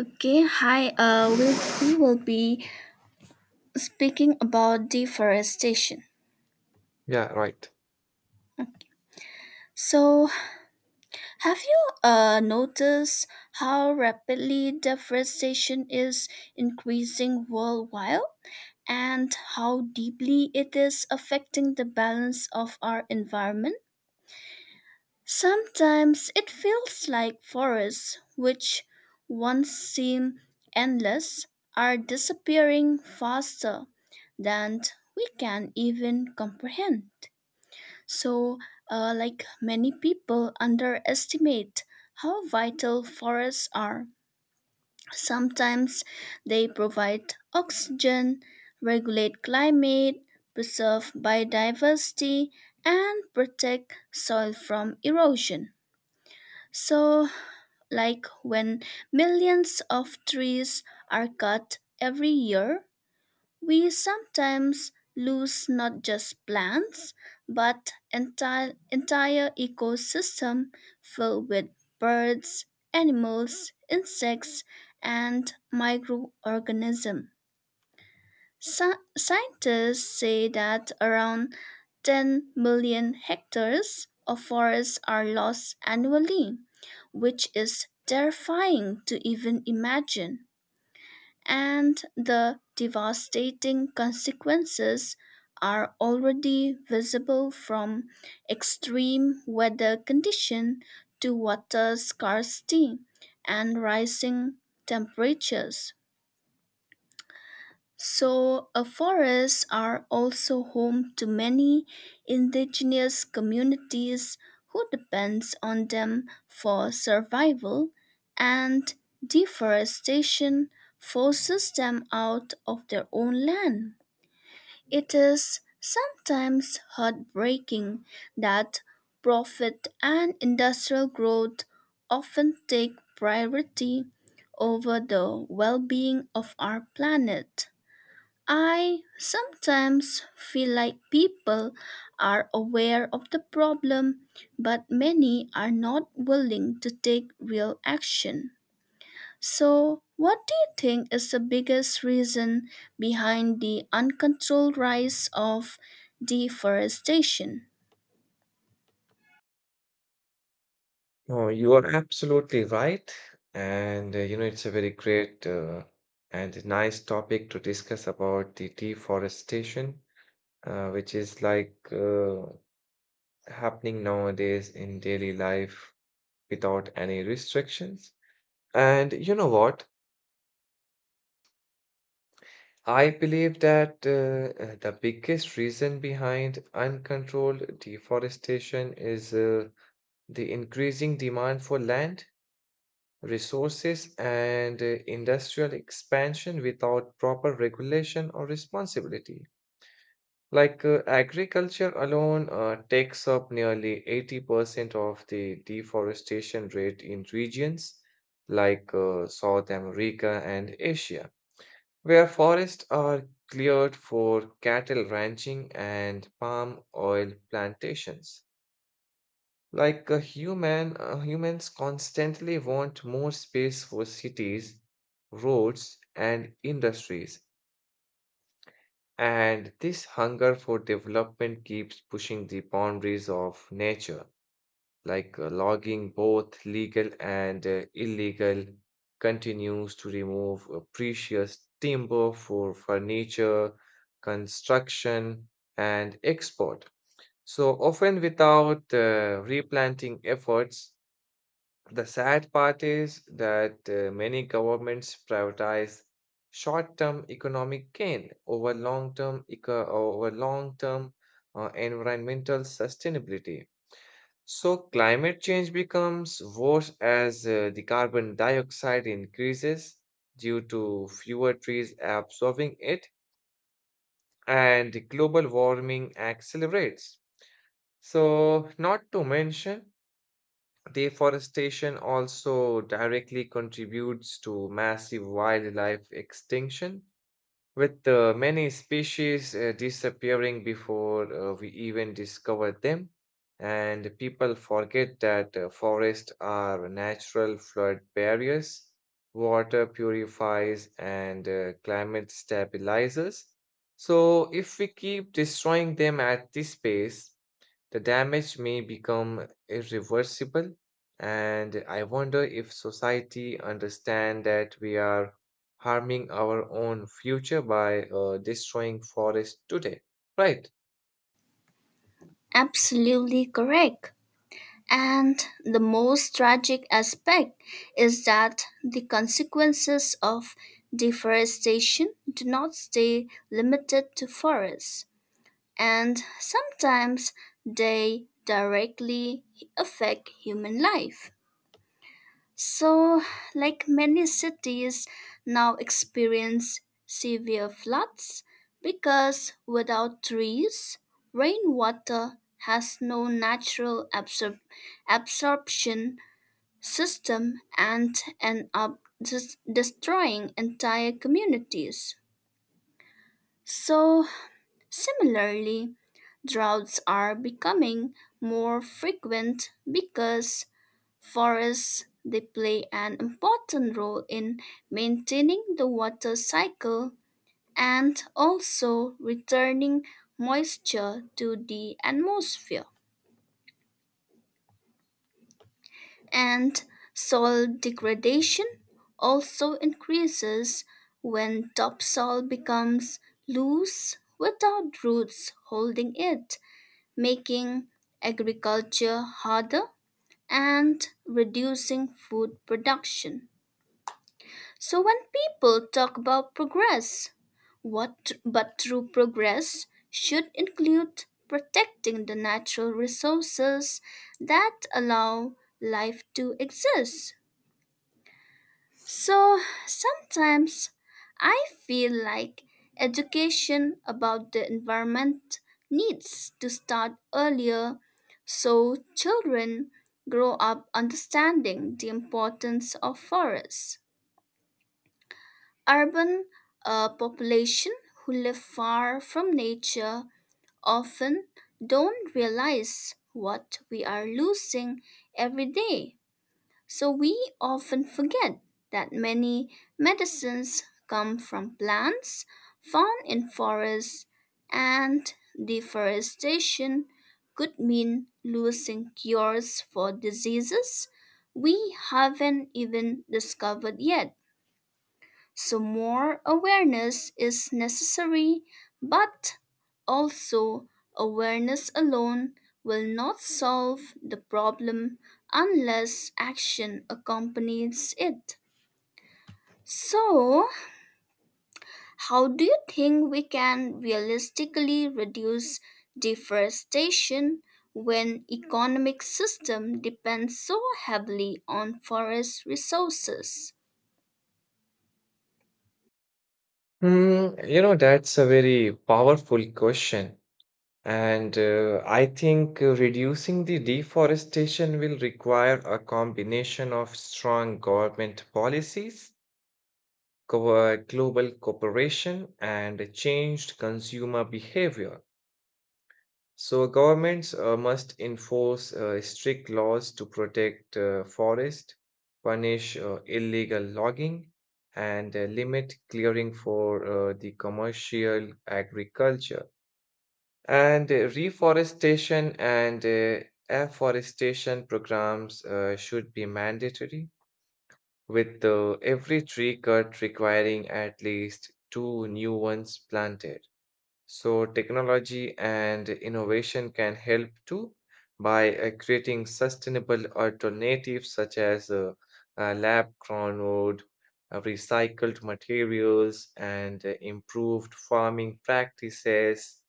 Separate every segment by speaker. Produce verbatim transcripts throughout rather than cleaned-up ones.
Speaker 1: Okay, hi. Uh, we, we will be speaking about deforestation.
Speaker 2: Yeah, right.
Speaker 1: Okay. So, have you uh, noticed how rapidly deforestation is increasing worldwide and how deeply it is affecting the balance of our environment? Sometimes it feels like forests, which once seemed endless, are disappearing faster than we can even comprehend. So, uh, like many people underestimate how vital forests are. Sometimes they provide oxygen, regulate climate, preserve biodiversity, and protect soil from erosion. So, like when millions of trees are cut every year, we sometimes lose not just plants, but entire, entire ecosystem filled with birds, animals, insects, and microorganisms. Sci- scientists say that around ten million hectares of forests are lost annually, which is terrifying to even imagine. And the devastating consequences are already visible, from extreme weather condition to water scarcity and rising temperatures. So, uh, forests are also home to many indigenous communities who depends on them for survival, and deforestation forces them out of their own land. It is sometimes heartbreaking that profit and industrial growth often take priority over the well-being of our planet. I sometimes feel like people are aware of the problem, but many are not willing to take real action. So, what do you think is the biggest reason behind the uncontrolled rise of deforestation?
Speaker 2: No, you are absolutely right. And, uh, you know, it's a very great uh, and nice topic to discuss about the deforestation, uh, which is like uh, happening nowadays in daily life without any restrictions. And you know what? I believe that uh, uh, the biggest reason behind uncontrolled deforestation is uh, the increasing demand for land resources and uh, industrial expansion without proper regulation or responsibility. Like uh, agriculture alone uh, takes up nearly eighty percent of the deforestation rate in regions like uh, South America and Asia, where forests are cleared for cattle ranching and palm oil plantations. Like a human, uh, humans constantly want more space for cities, roads, and industries. And this hunger for development keeps pushing the boundaries of nature, like uh, logging, both legal and uh, illegal, continues to remove uh, precious timber for furniture, construction, and export. So often without uh, replanting efforts, the sad part is that uh, many governments prioritize short-term economic gain over long-term eco- over long-term uh, environmental sustainability. So climate change becomes worse as uh, the carbon dioxide increases due to fewer trees absorbing it, and global warming accelerates. So, not to mention, deforestation also directly contributes to massive wildlife extinction, with uh, many species uh, disappearing before uh, we even discover them. And people forget that uh, forests are natural flood barriers, water purifiers, and uh, climate stabilizers. So, if we keep destroying them at this pace, the damage may become irreversible, and I wonder if society understand that we are harming our own future by uh, destroying forests today. Right.
Speaker 1: Absolutely correct. And the most tragic aspect is that the consequences of deforestation do not stay limited to forests, and sometimes they directly affect human life. So, like many cities now experience severe floods because without trees, rainwater has no natural absor- absorption system and end up des- destroying entire communities. So, similarly, droughts are becoming more frequent because forests they play an important role in maintaining the water cycle and also returning moisture to the atmosphere. And soil degradation also increases when topsoil becomes loose without roots holding it, making agriculture harder and reducing food production. So when people talk about progress, what but true progress should include protecting the natural resources that allow life to exist. So sometimes I feel like education about the environment needs to start earlier so children grow up understanding the importance of forests. Urban uh, population who live far from nature often don't realize what we are losing every day. So we often forget that many medicines come from plants found in forests, and deforestation could mean losing cures for diseases we haven't even discovered yet. So, more awareness is necessary, but also awareness alone will not solve the problem unless action accompanies it. So, how do you think we can realistically reduce deforestation when economic system depends so heavily on forest resources?
Speaker 2: Hmm, you know, that's a very powerful question. And uh, I think uh, reducing the deforestation will require a combination of strong government policies, glo- global cooperation, and changed consumer behavior. So, governments uh, must enforce uh, strict laws to protect uh, forest, punish uh, illegal logging, and uh, limit clearing for uh, the commercial agriculture. And uh, reforestation and uh, afforestation programs uh, should be mandatory with uh, every tree cut requiring at least two new ones planted. So, technology and innovation can help too by uh, creating sustainable alternatives such as uh, uh, lab grown wood, uh, recycled materials, and uh, improved farming practices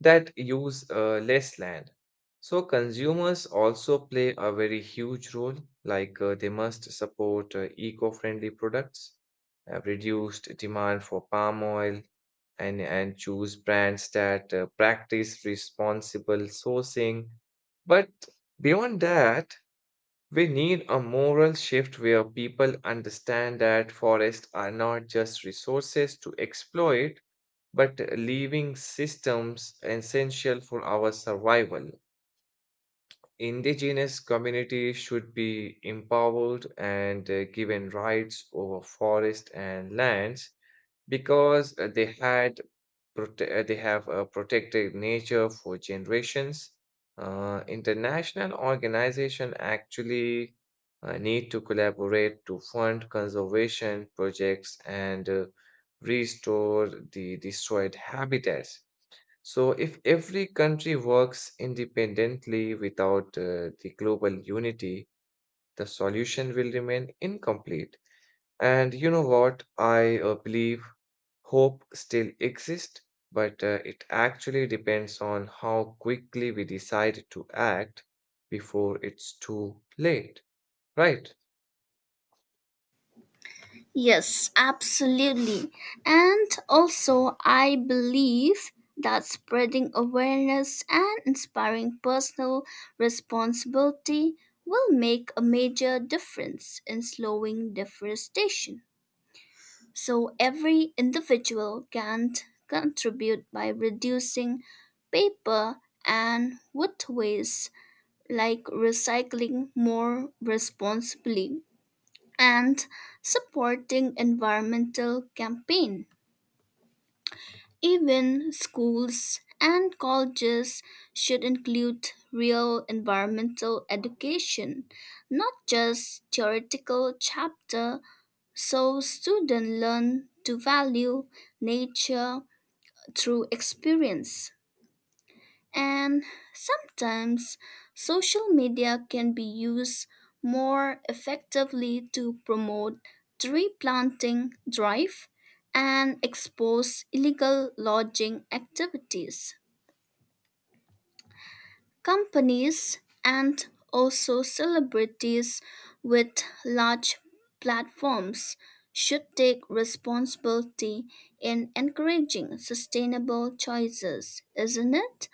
Speaker 2: that use uh, less land. So consumers also play a very huge role, like uh, they must support uh, eco-friendly products, uh, reduced demand for palm oil, and, and choose brands that uh, practice responsible sourcing. But beyond that, we need a moral shift where people understand that forests are not just resources to exploit, but leaving systems essential for our survival. Indigenous communities should be empowered and uh, given rights over forest and lands because uh, they had prote- uh, they have uh, protected nature for generations. Uh, international organization actually uh, need to collaborate to fund conservation projects and uh, restore the destroyed habitats. So, if every country works independently without uh, the global unity, the solution will remain incomplete. And you know what? I uh, believe hope still exists, but uh, it actually depends on how quickly we decide to act before it's too late, right?
Speaker 1: Yes, absolutely. And also, I believe that spreading awareness and inspiring personal responsibility will make a major difference in slowing deforestation. So, every individual can t- contribute by reducing paper and wood waste, like recycling more responsibly and supporting environmental campaign. Even schools and colleges should include real environmental education, not just theoretical chapter, so students learn to value nature through experience. And sometimes social media can be used more effectively to promote tree planting drive and expose illegal lodging activities. Companies and also celebrities with large platforms should take responsibility in encouraging sustainable choices, isn't it?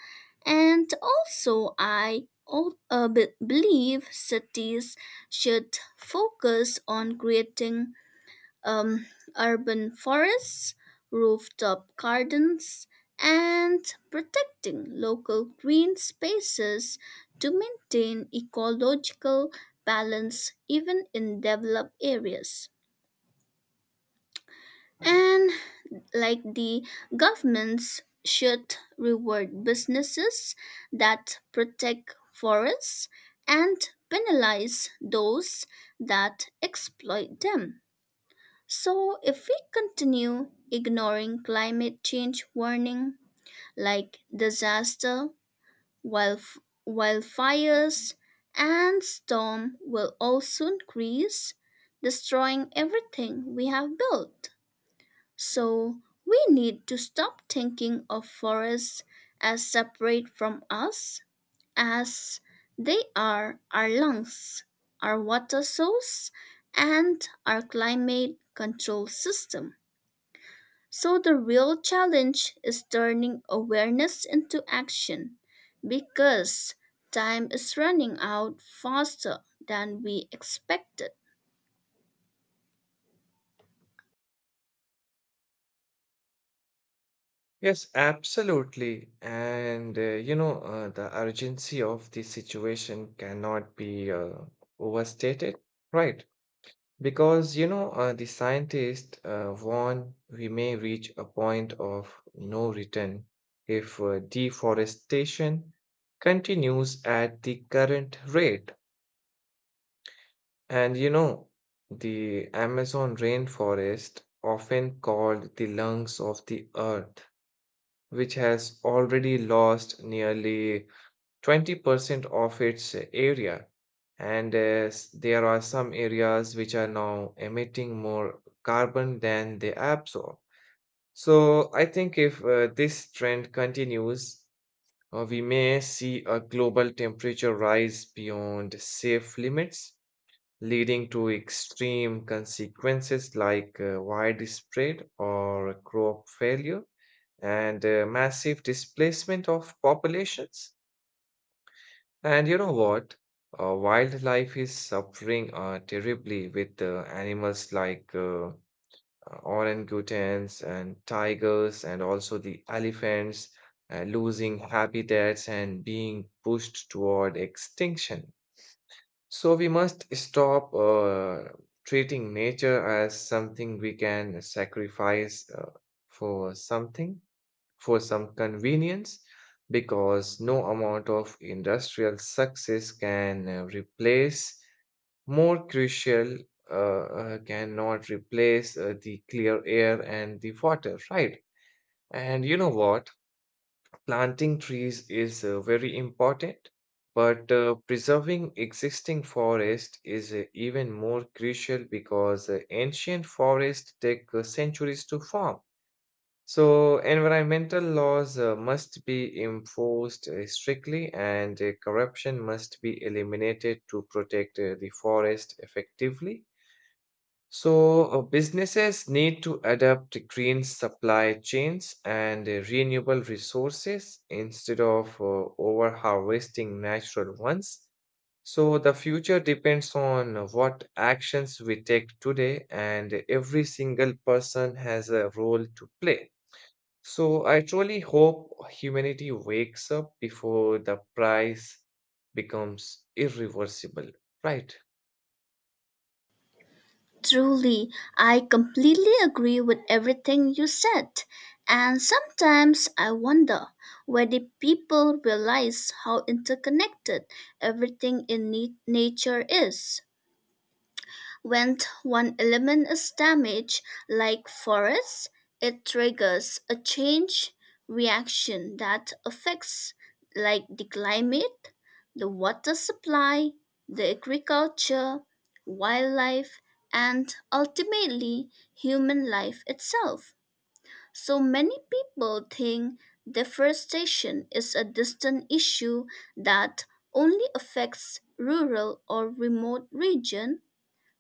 Speaker 1: And also, I al- uh, be- believe cities should focus on creating um, urban forests, rooftop gardens, and protecting local green spaces to maintain ecological balance even in developed areas. And like the governments should reward businesses that protect forests and penalize those that exploit them. So, if we continue ignoring climate change warning, like disaster, wildf- wildfires, and storm will all soon increase, destroying everything we have built. So, we need to stop thinking of forests as separate from us, as they are our lungs, our water source, and our climate control system. So the real challenge is turning awareness into action because time is running out faster than we expected.
Speaker 2: Yes, absolutely. And uh, you know, uh, the urgency of the situation cannot be uh, overstated, right? Because, you know, uh, the scientists uh, warn we may reach a point of no return if uh, deforestation continues at the current rate. And, you know, the Amazon rainforest, often called the lungs of the earth, which has already lost nearly twenty percent of its area. And uh, s- there are some areas which are now emitting more carbon than they absorb. So I think if uh, this trend continues, uh, we may see a global temperature rise beyond safe limits, leading to extreme consequences like uh, widespread or crop failure and uh, massive displacement of populations. And you know what? Uh, wildlife is suffering uh, terribly with uh, animals like uh, uh, orangutans and tigers, and also the elephants uh, losing habitats and being pushed toward extinction. So we must stop uh, treating nature as something we can sacrifice uh, for something for some convenience, because no amount of industrial success can uh, replace more crucial uh, uh, cannot replace uh, the clear air and the water, right? And you know what? Planting trees is uh, very important, but uh, preserving existing forest is uh, even more crucial because uh, ancient forests take uh, centuries to form. So, environmental laws uh, must be enforced uh, strictly, and uh, corruption must be eliminated to protect uh, the forest effectively. So, uh, businesses need to adapt green supply chains and uh, renewable resources instead of uh, over harvesting natural ones. So, the future depends on uh, what actions we take today, and every single person has a role to play. So I truly hope humanity wakes up before the price becomes irreversible, right?
Speaker 1: Truly, I completely agree with everything you said. And sometimes I wonder whether people realize how interconnected everything in nat- nature is. When one element is damaged, like forest, it triggers a change reaction that affects like the climate, the water supply, the agriculture, wildlife, and ultimately human life itself. So many people think deforestation is a distant issue that only affects rural or remote region,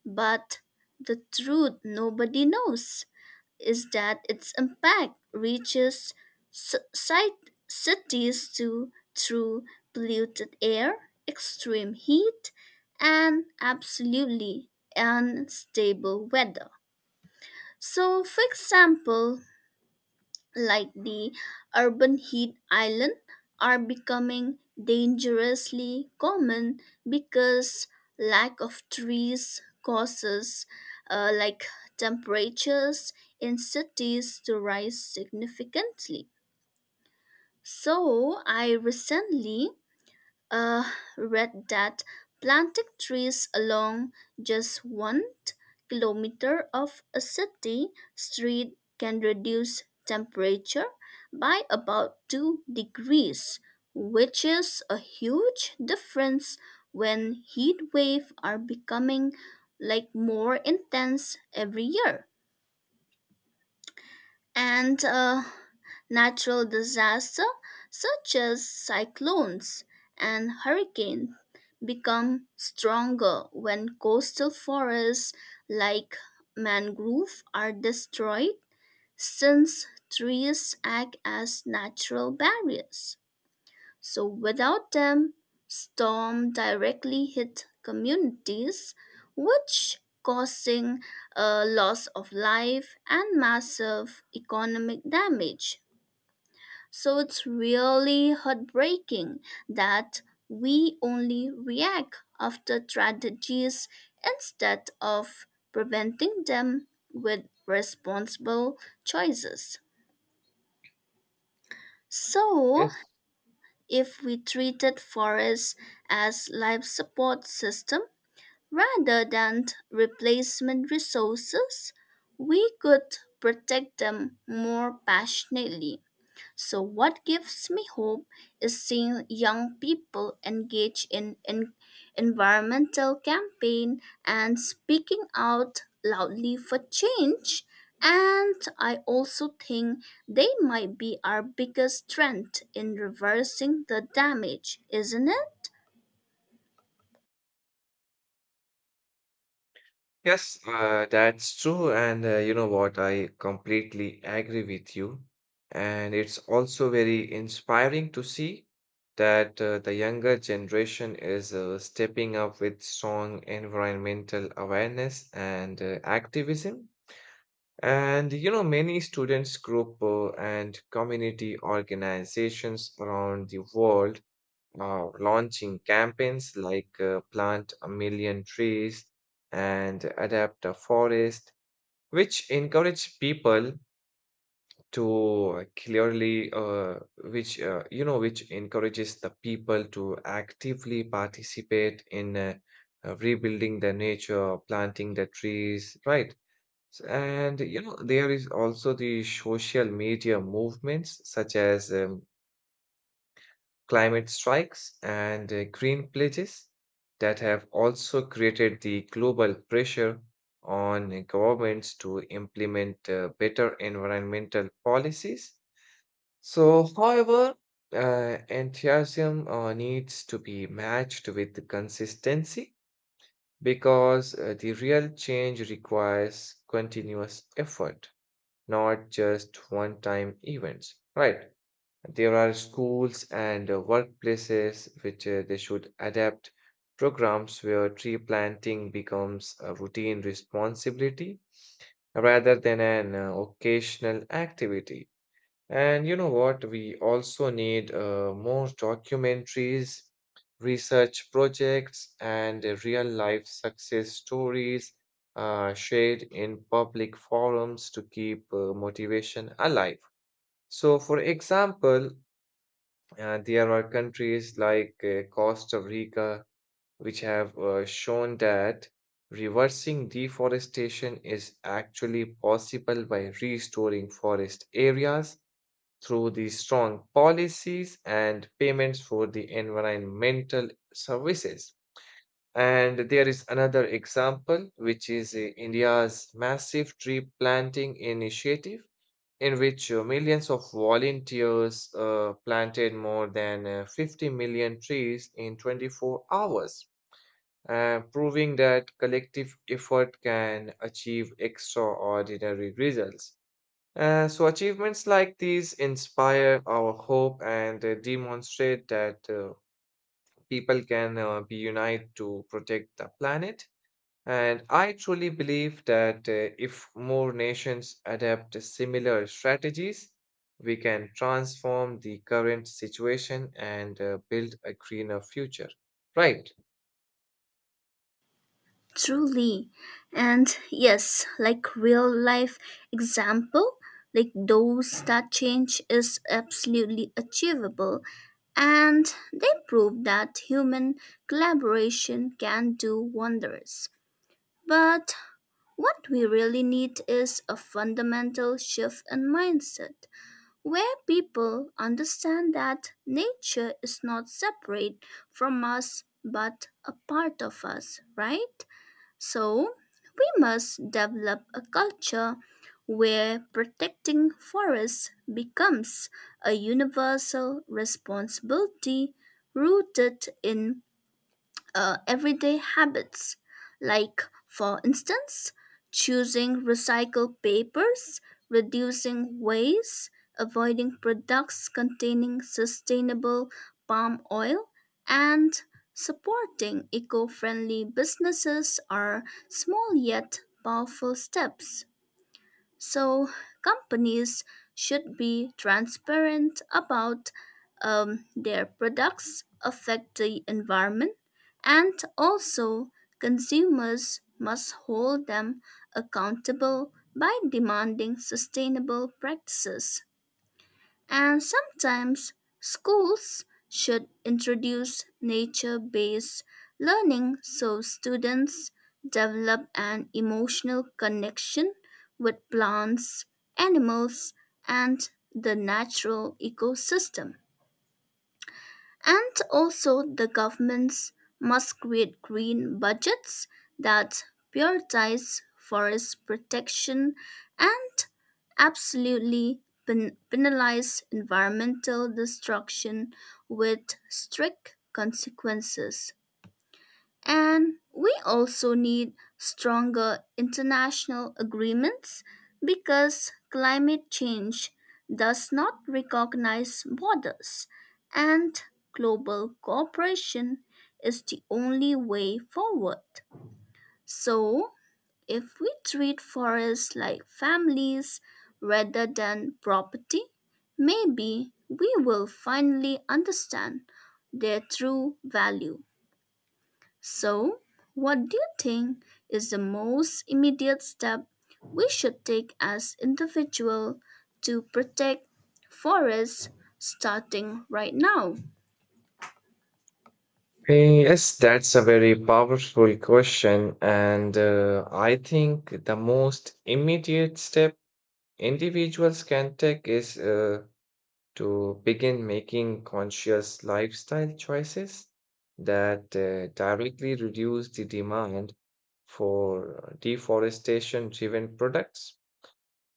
Speaker 1: but the truth nobody knows is that its impact reaches ci- ci- cities too, through polluted air, extreme heat, and absolutely unstable weather. So, for example, like the urban heat island are becoming dangerously common because lack of trees causes uh, like temperatures in cities to rise significantly. So I recently uh, read that planting trees along just one kilometer of a city street can reduce temperature by about two degrees, which is a huge difference when heat waves are becoming like more intense every year. And uh, Natural disasters such as cyclones and hurricanes become stronger when coastal forests like mangrove are destroyed, since trees act as natural barriers. So without them, storm directly hit communities, which causing a loss of life and massive economic damage. So it's really heartbreaking that we only react after tragedies instead of preventing them with responsible choices. So,
Speaker 2: Yes.
Speaker 1: if we treated forests as life support system rather than replacement resources, we could protect them more passionately. So, what gives me hope is seeing young people engage in, in environmental campaign and speaking out loudly for change. And I also think they might be our biggest strength in reversing the damage, isn't it?
Speaker 2: Yes, uh, that's true. And uh, you know what? I completely agree with you. And it's also very inspiring to see that uh, the younger generation is uh, stepping up with strong environmental awareness and uh, activism. And you know, many students group uh, and community organizations around the world are launching campaigns like uh, Plant a Million Trees and Adapt a Forest, which encourage people to clearly, uh, which, uh, you know, which encourages the people to actively participate in uh, uh, rebuilding the nature, planting the trees, right? S- And you know, there is also the social media movements such as um, climate strikes and uh, green pledges that have also created the global pressure on governments to implement uh, better environmental policies. So, however, uh, enthusiasm uh, needs to be matched with consistency because uh, the real change requires continuous effort, not just one time events. Right. There are schools and uh, workplaces which uh, they should adapt programs where tree planting becomes a routine responsibility rather than an uh, occasional activity. And you know what? We also need uh, more documentaries, research projects, and uh, real life success stories uh, shared in public forums to keep uh, motivation alive. So, for example, uh, there are countries like uh, Costa Rica which have uh, shown that reversing deforestation is actually possible by restoring forest areas through the strong policies and payments for the environmental services. And there is another example, which is uh, India's massive tree planting initiative, in which uh, millions of volunteers uh, planted more than uh, fifty million trees in twenty-four hours, uh, proving that collective effort can achieve extraordinary results. Uh, so, achievements like these inspire our hope and uh, demonstrate that uh, people can uh, be united to protect the planet. And I truly believe that uh, if more nations adapt similar strategies, we can transform the current situation and uh, build a greener future. Right.
Speaker 1: Truly. And yes, like real life example, like those, that change is absolutely achievable. And they prove that human collaboration can do wonders. But what we really need is a fundamental shift in mindset, where people understand that nature is not separate from us but a part of us, right? So, we must develop a culture where protecting forests becomes a universal responsibility rooted in uh, everyday habits, like, for instance, choosing recycled papers, reducing waste, avoiding products containing sustainable palm oil, and supporting eco friendly businesses are small yet powerful steps. So, companies should be transparent about um, their products affect the environment, and also consumers must hold them accountable by demanding sustainable practices. And sometimes schools should introduce nature based learning so students develop an emotional connection with plants, animals, and the natural ecosystem. And also, the governments must create green budgets that prioritize forest protection and absolutely pen- penalize environmental destruction with strict consequences. And we also need stronger international agreements because climate change does not recognize borders, and global cooperation is the only way forward. So, if we treat forests like families rather than property, maybe we will finally understand their true value. So, what do you think is the most immediate step we should take as individual to protect forests starting right now?
Speaker 2: Eh, Yes, that's a very powerful question. And uh, I think the most immediate step individuals can take is uh, to begin making conscious lifestyle choices that uh, directly reduce the demand for deforestation driven products.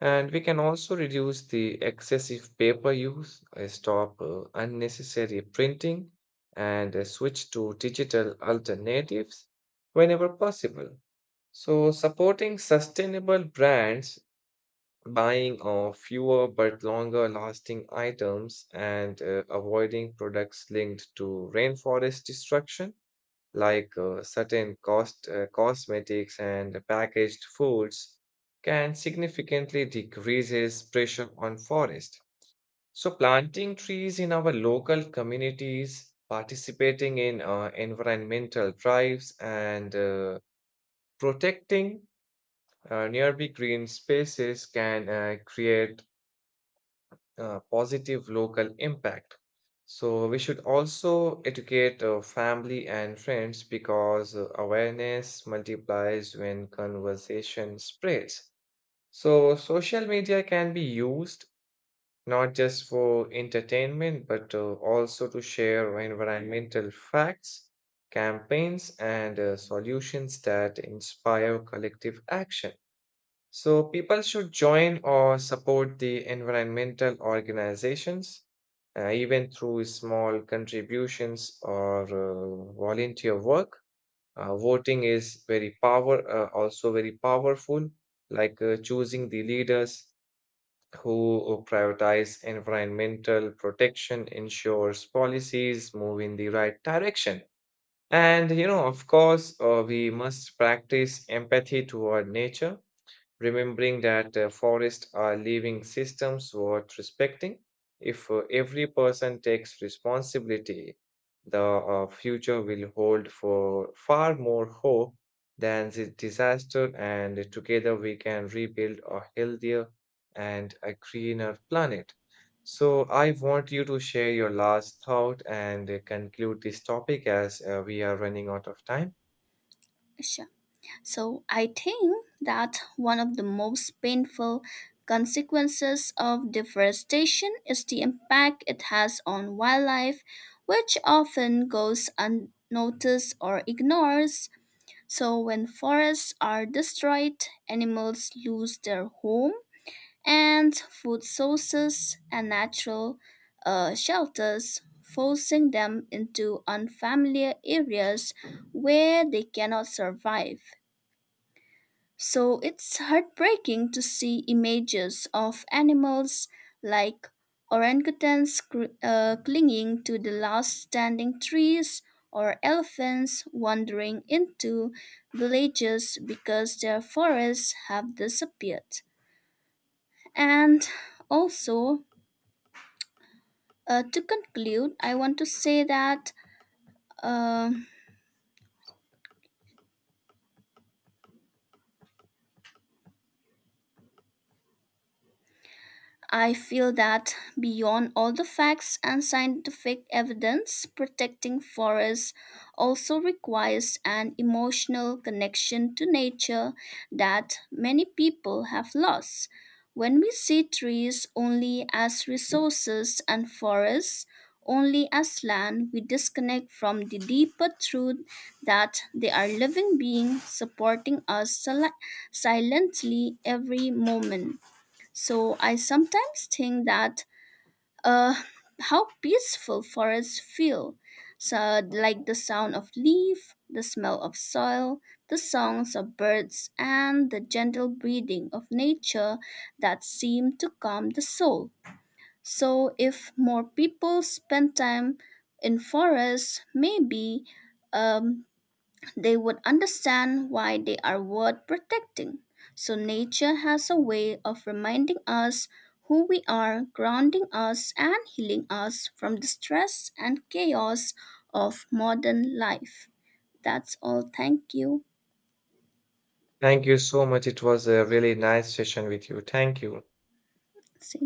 Speaker 2: And we can also reduce the excessive paper use, uh, stop uh, unnecessary printing, and uh, switch to digital alternatives whenever possible. So, supporting sustainable brands, buying of fewer but longer lasting items, and uh, avoiding products linked to rainforest destruction, like uh, certain cost, uh, cosmetics and packaged foods, can significantly decreases pressure on forest. So planting trees in our local communities, participating in uh, environmental drives, and uh, protecting uh, nearby green spaces can uh, create uh, positive local impact. So we should also educate uh, family and friends because uh, awareness multiplies when conversation spreads. So social media can be used not just for entertainment but uh, also to share environmental facts, campaigns, and uh, solutions that inspire collective action. So people should join or support the environmental organizations, uh, even through small contributions or uh, volunteer work. Uh, voting is very power, uh, also very powerful, like uh, choosing the leaders who uh, prioritize environmental protection ensures policies move in the right direction. And you know, of course, uh, we must practice empathy toward nature, remembering that uh, forests are living systems worth respecting. If uh, every person takes responsibility, the uh, future will hold for far more hope than the disaster, and together we can rebuild a healthier and a greener planet. So I want you to share your last thought and uh, conclude this topic as uh, we are running out of time.
Speaker 1: Asha? So I think that one of the most painful consequences of deforestation is the impact it has on wildlife, which often goes unnoticed or ignored. So when forests are destroyed, animals lose their home and food sources and natural uh, shelters, forcing them into unfamiliar areas where they cannot survive. So it's heartbreaking to see images of animals like orangutans cr- uh, clinging to the last standing trees or elephants wandering into villages because their forests have disappeared. And also, uh, to conclude, I want to say that. um I feel that beyond all the facts and scientific evidence, protecting forests also requires an emotional connection to nature that many people have lost. When we see trees only as resources and forests only as land, we disconnect from the deeper truth that they are living beings supporting us sil- silently every moment. So I sometimes think that uh, how peaceful forests feel, so like the sound of leaf, the smell of soil, the songs of birds, and the gentle breathing of nature that seem to calm the soul. So if more people spend time in forests, maybe um, they would understand why they are worth protecting. So, nature has a way of reminding us who we are, grounding us, and healing us from the stress and chaos of modern life. That's all. Thank you.
Speaker 2: Thank you so much. It was a really nice session with you. Thank you.
Speaker 1: See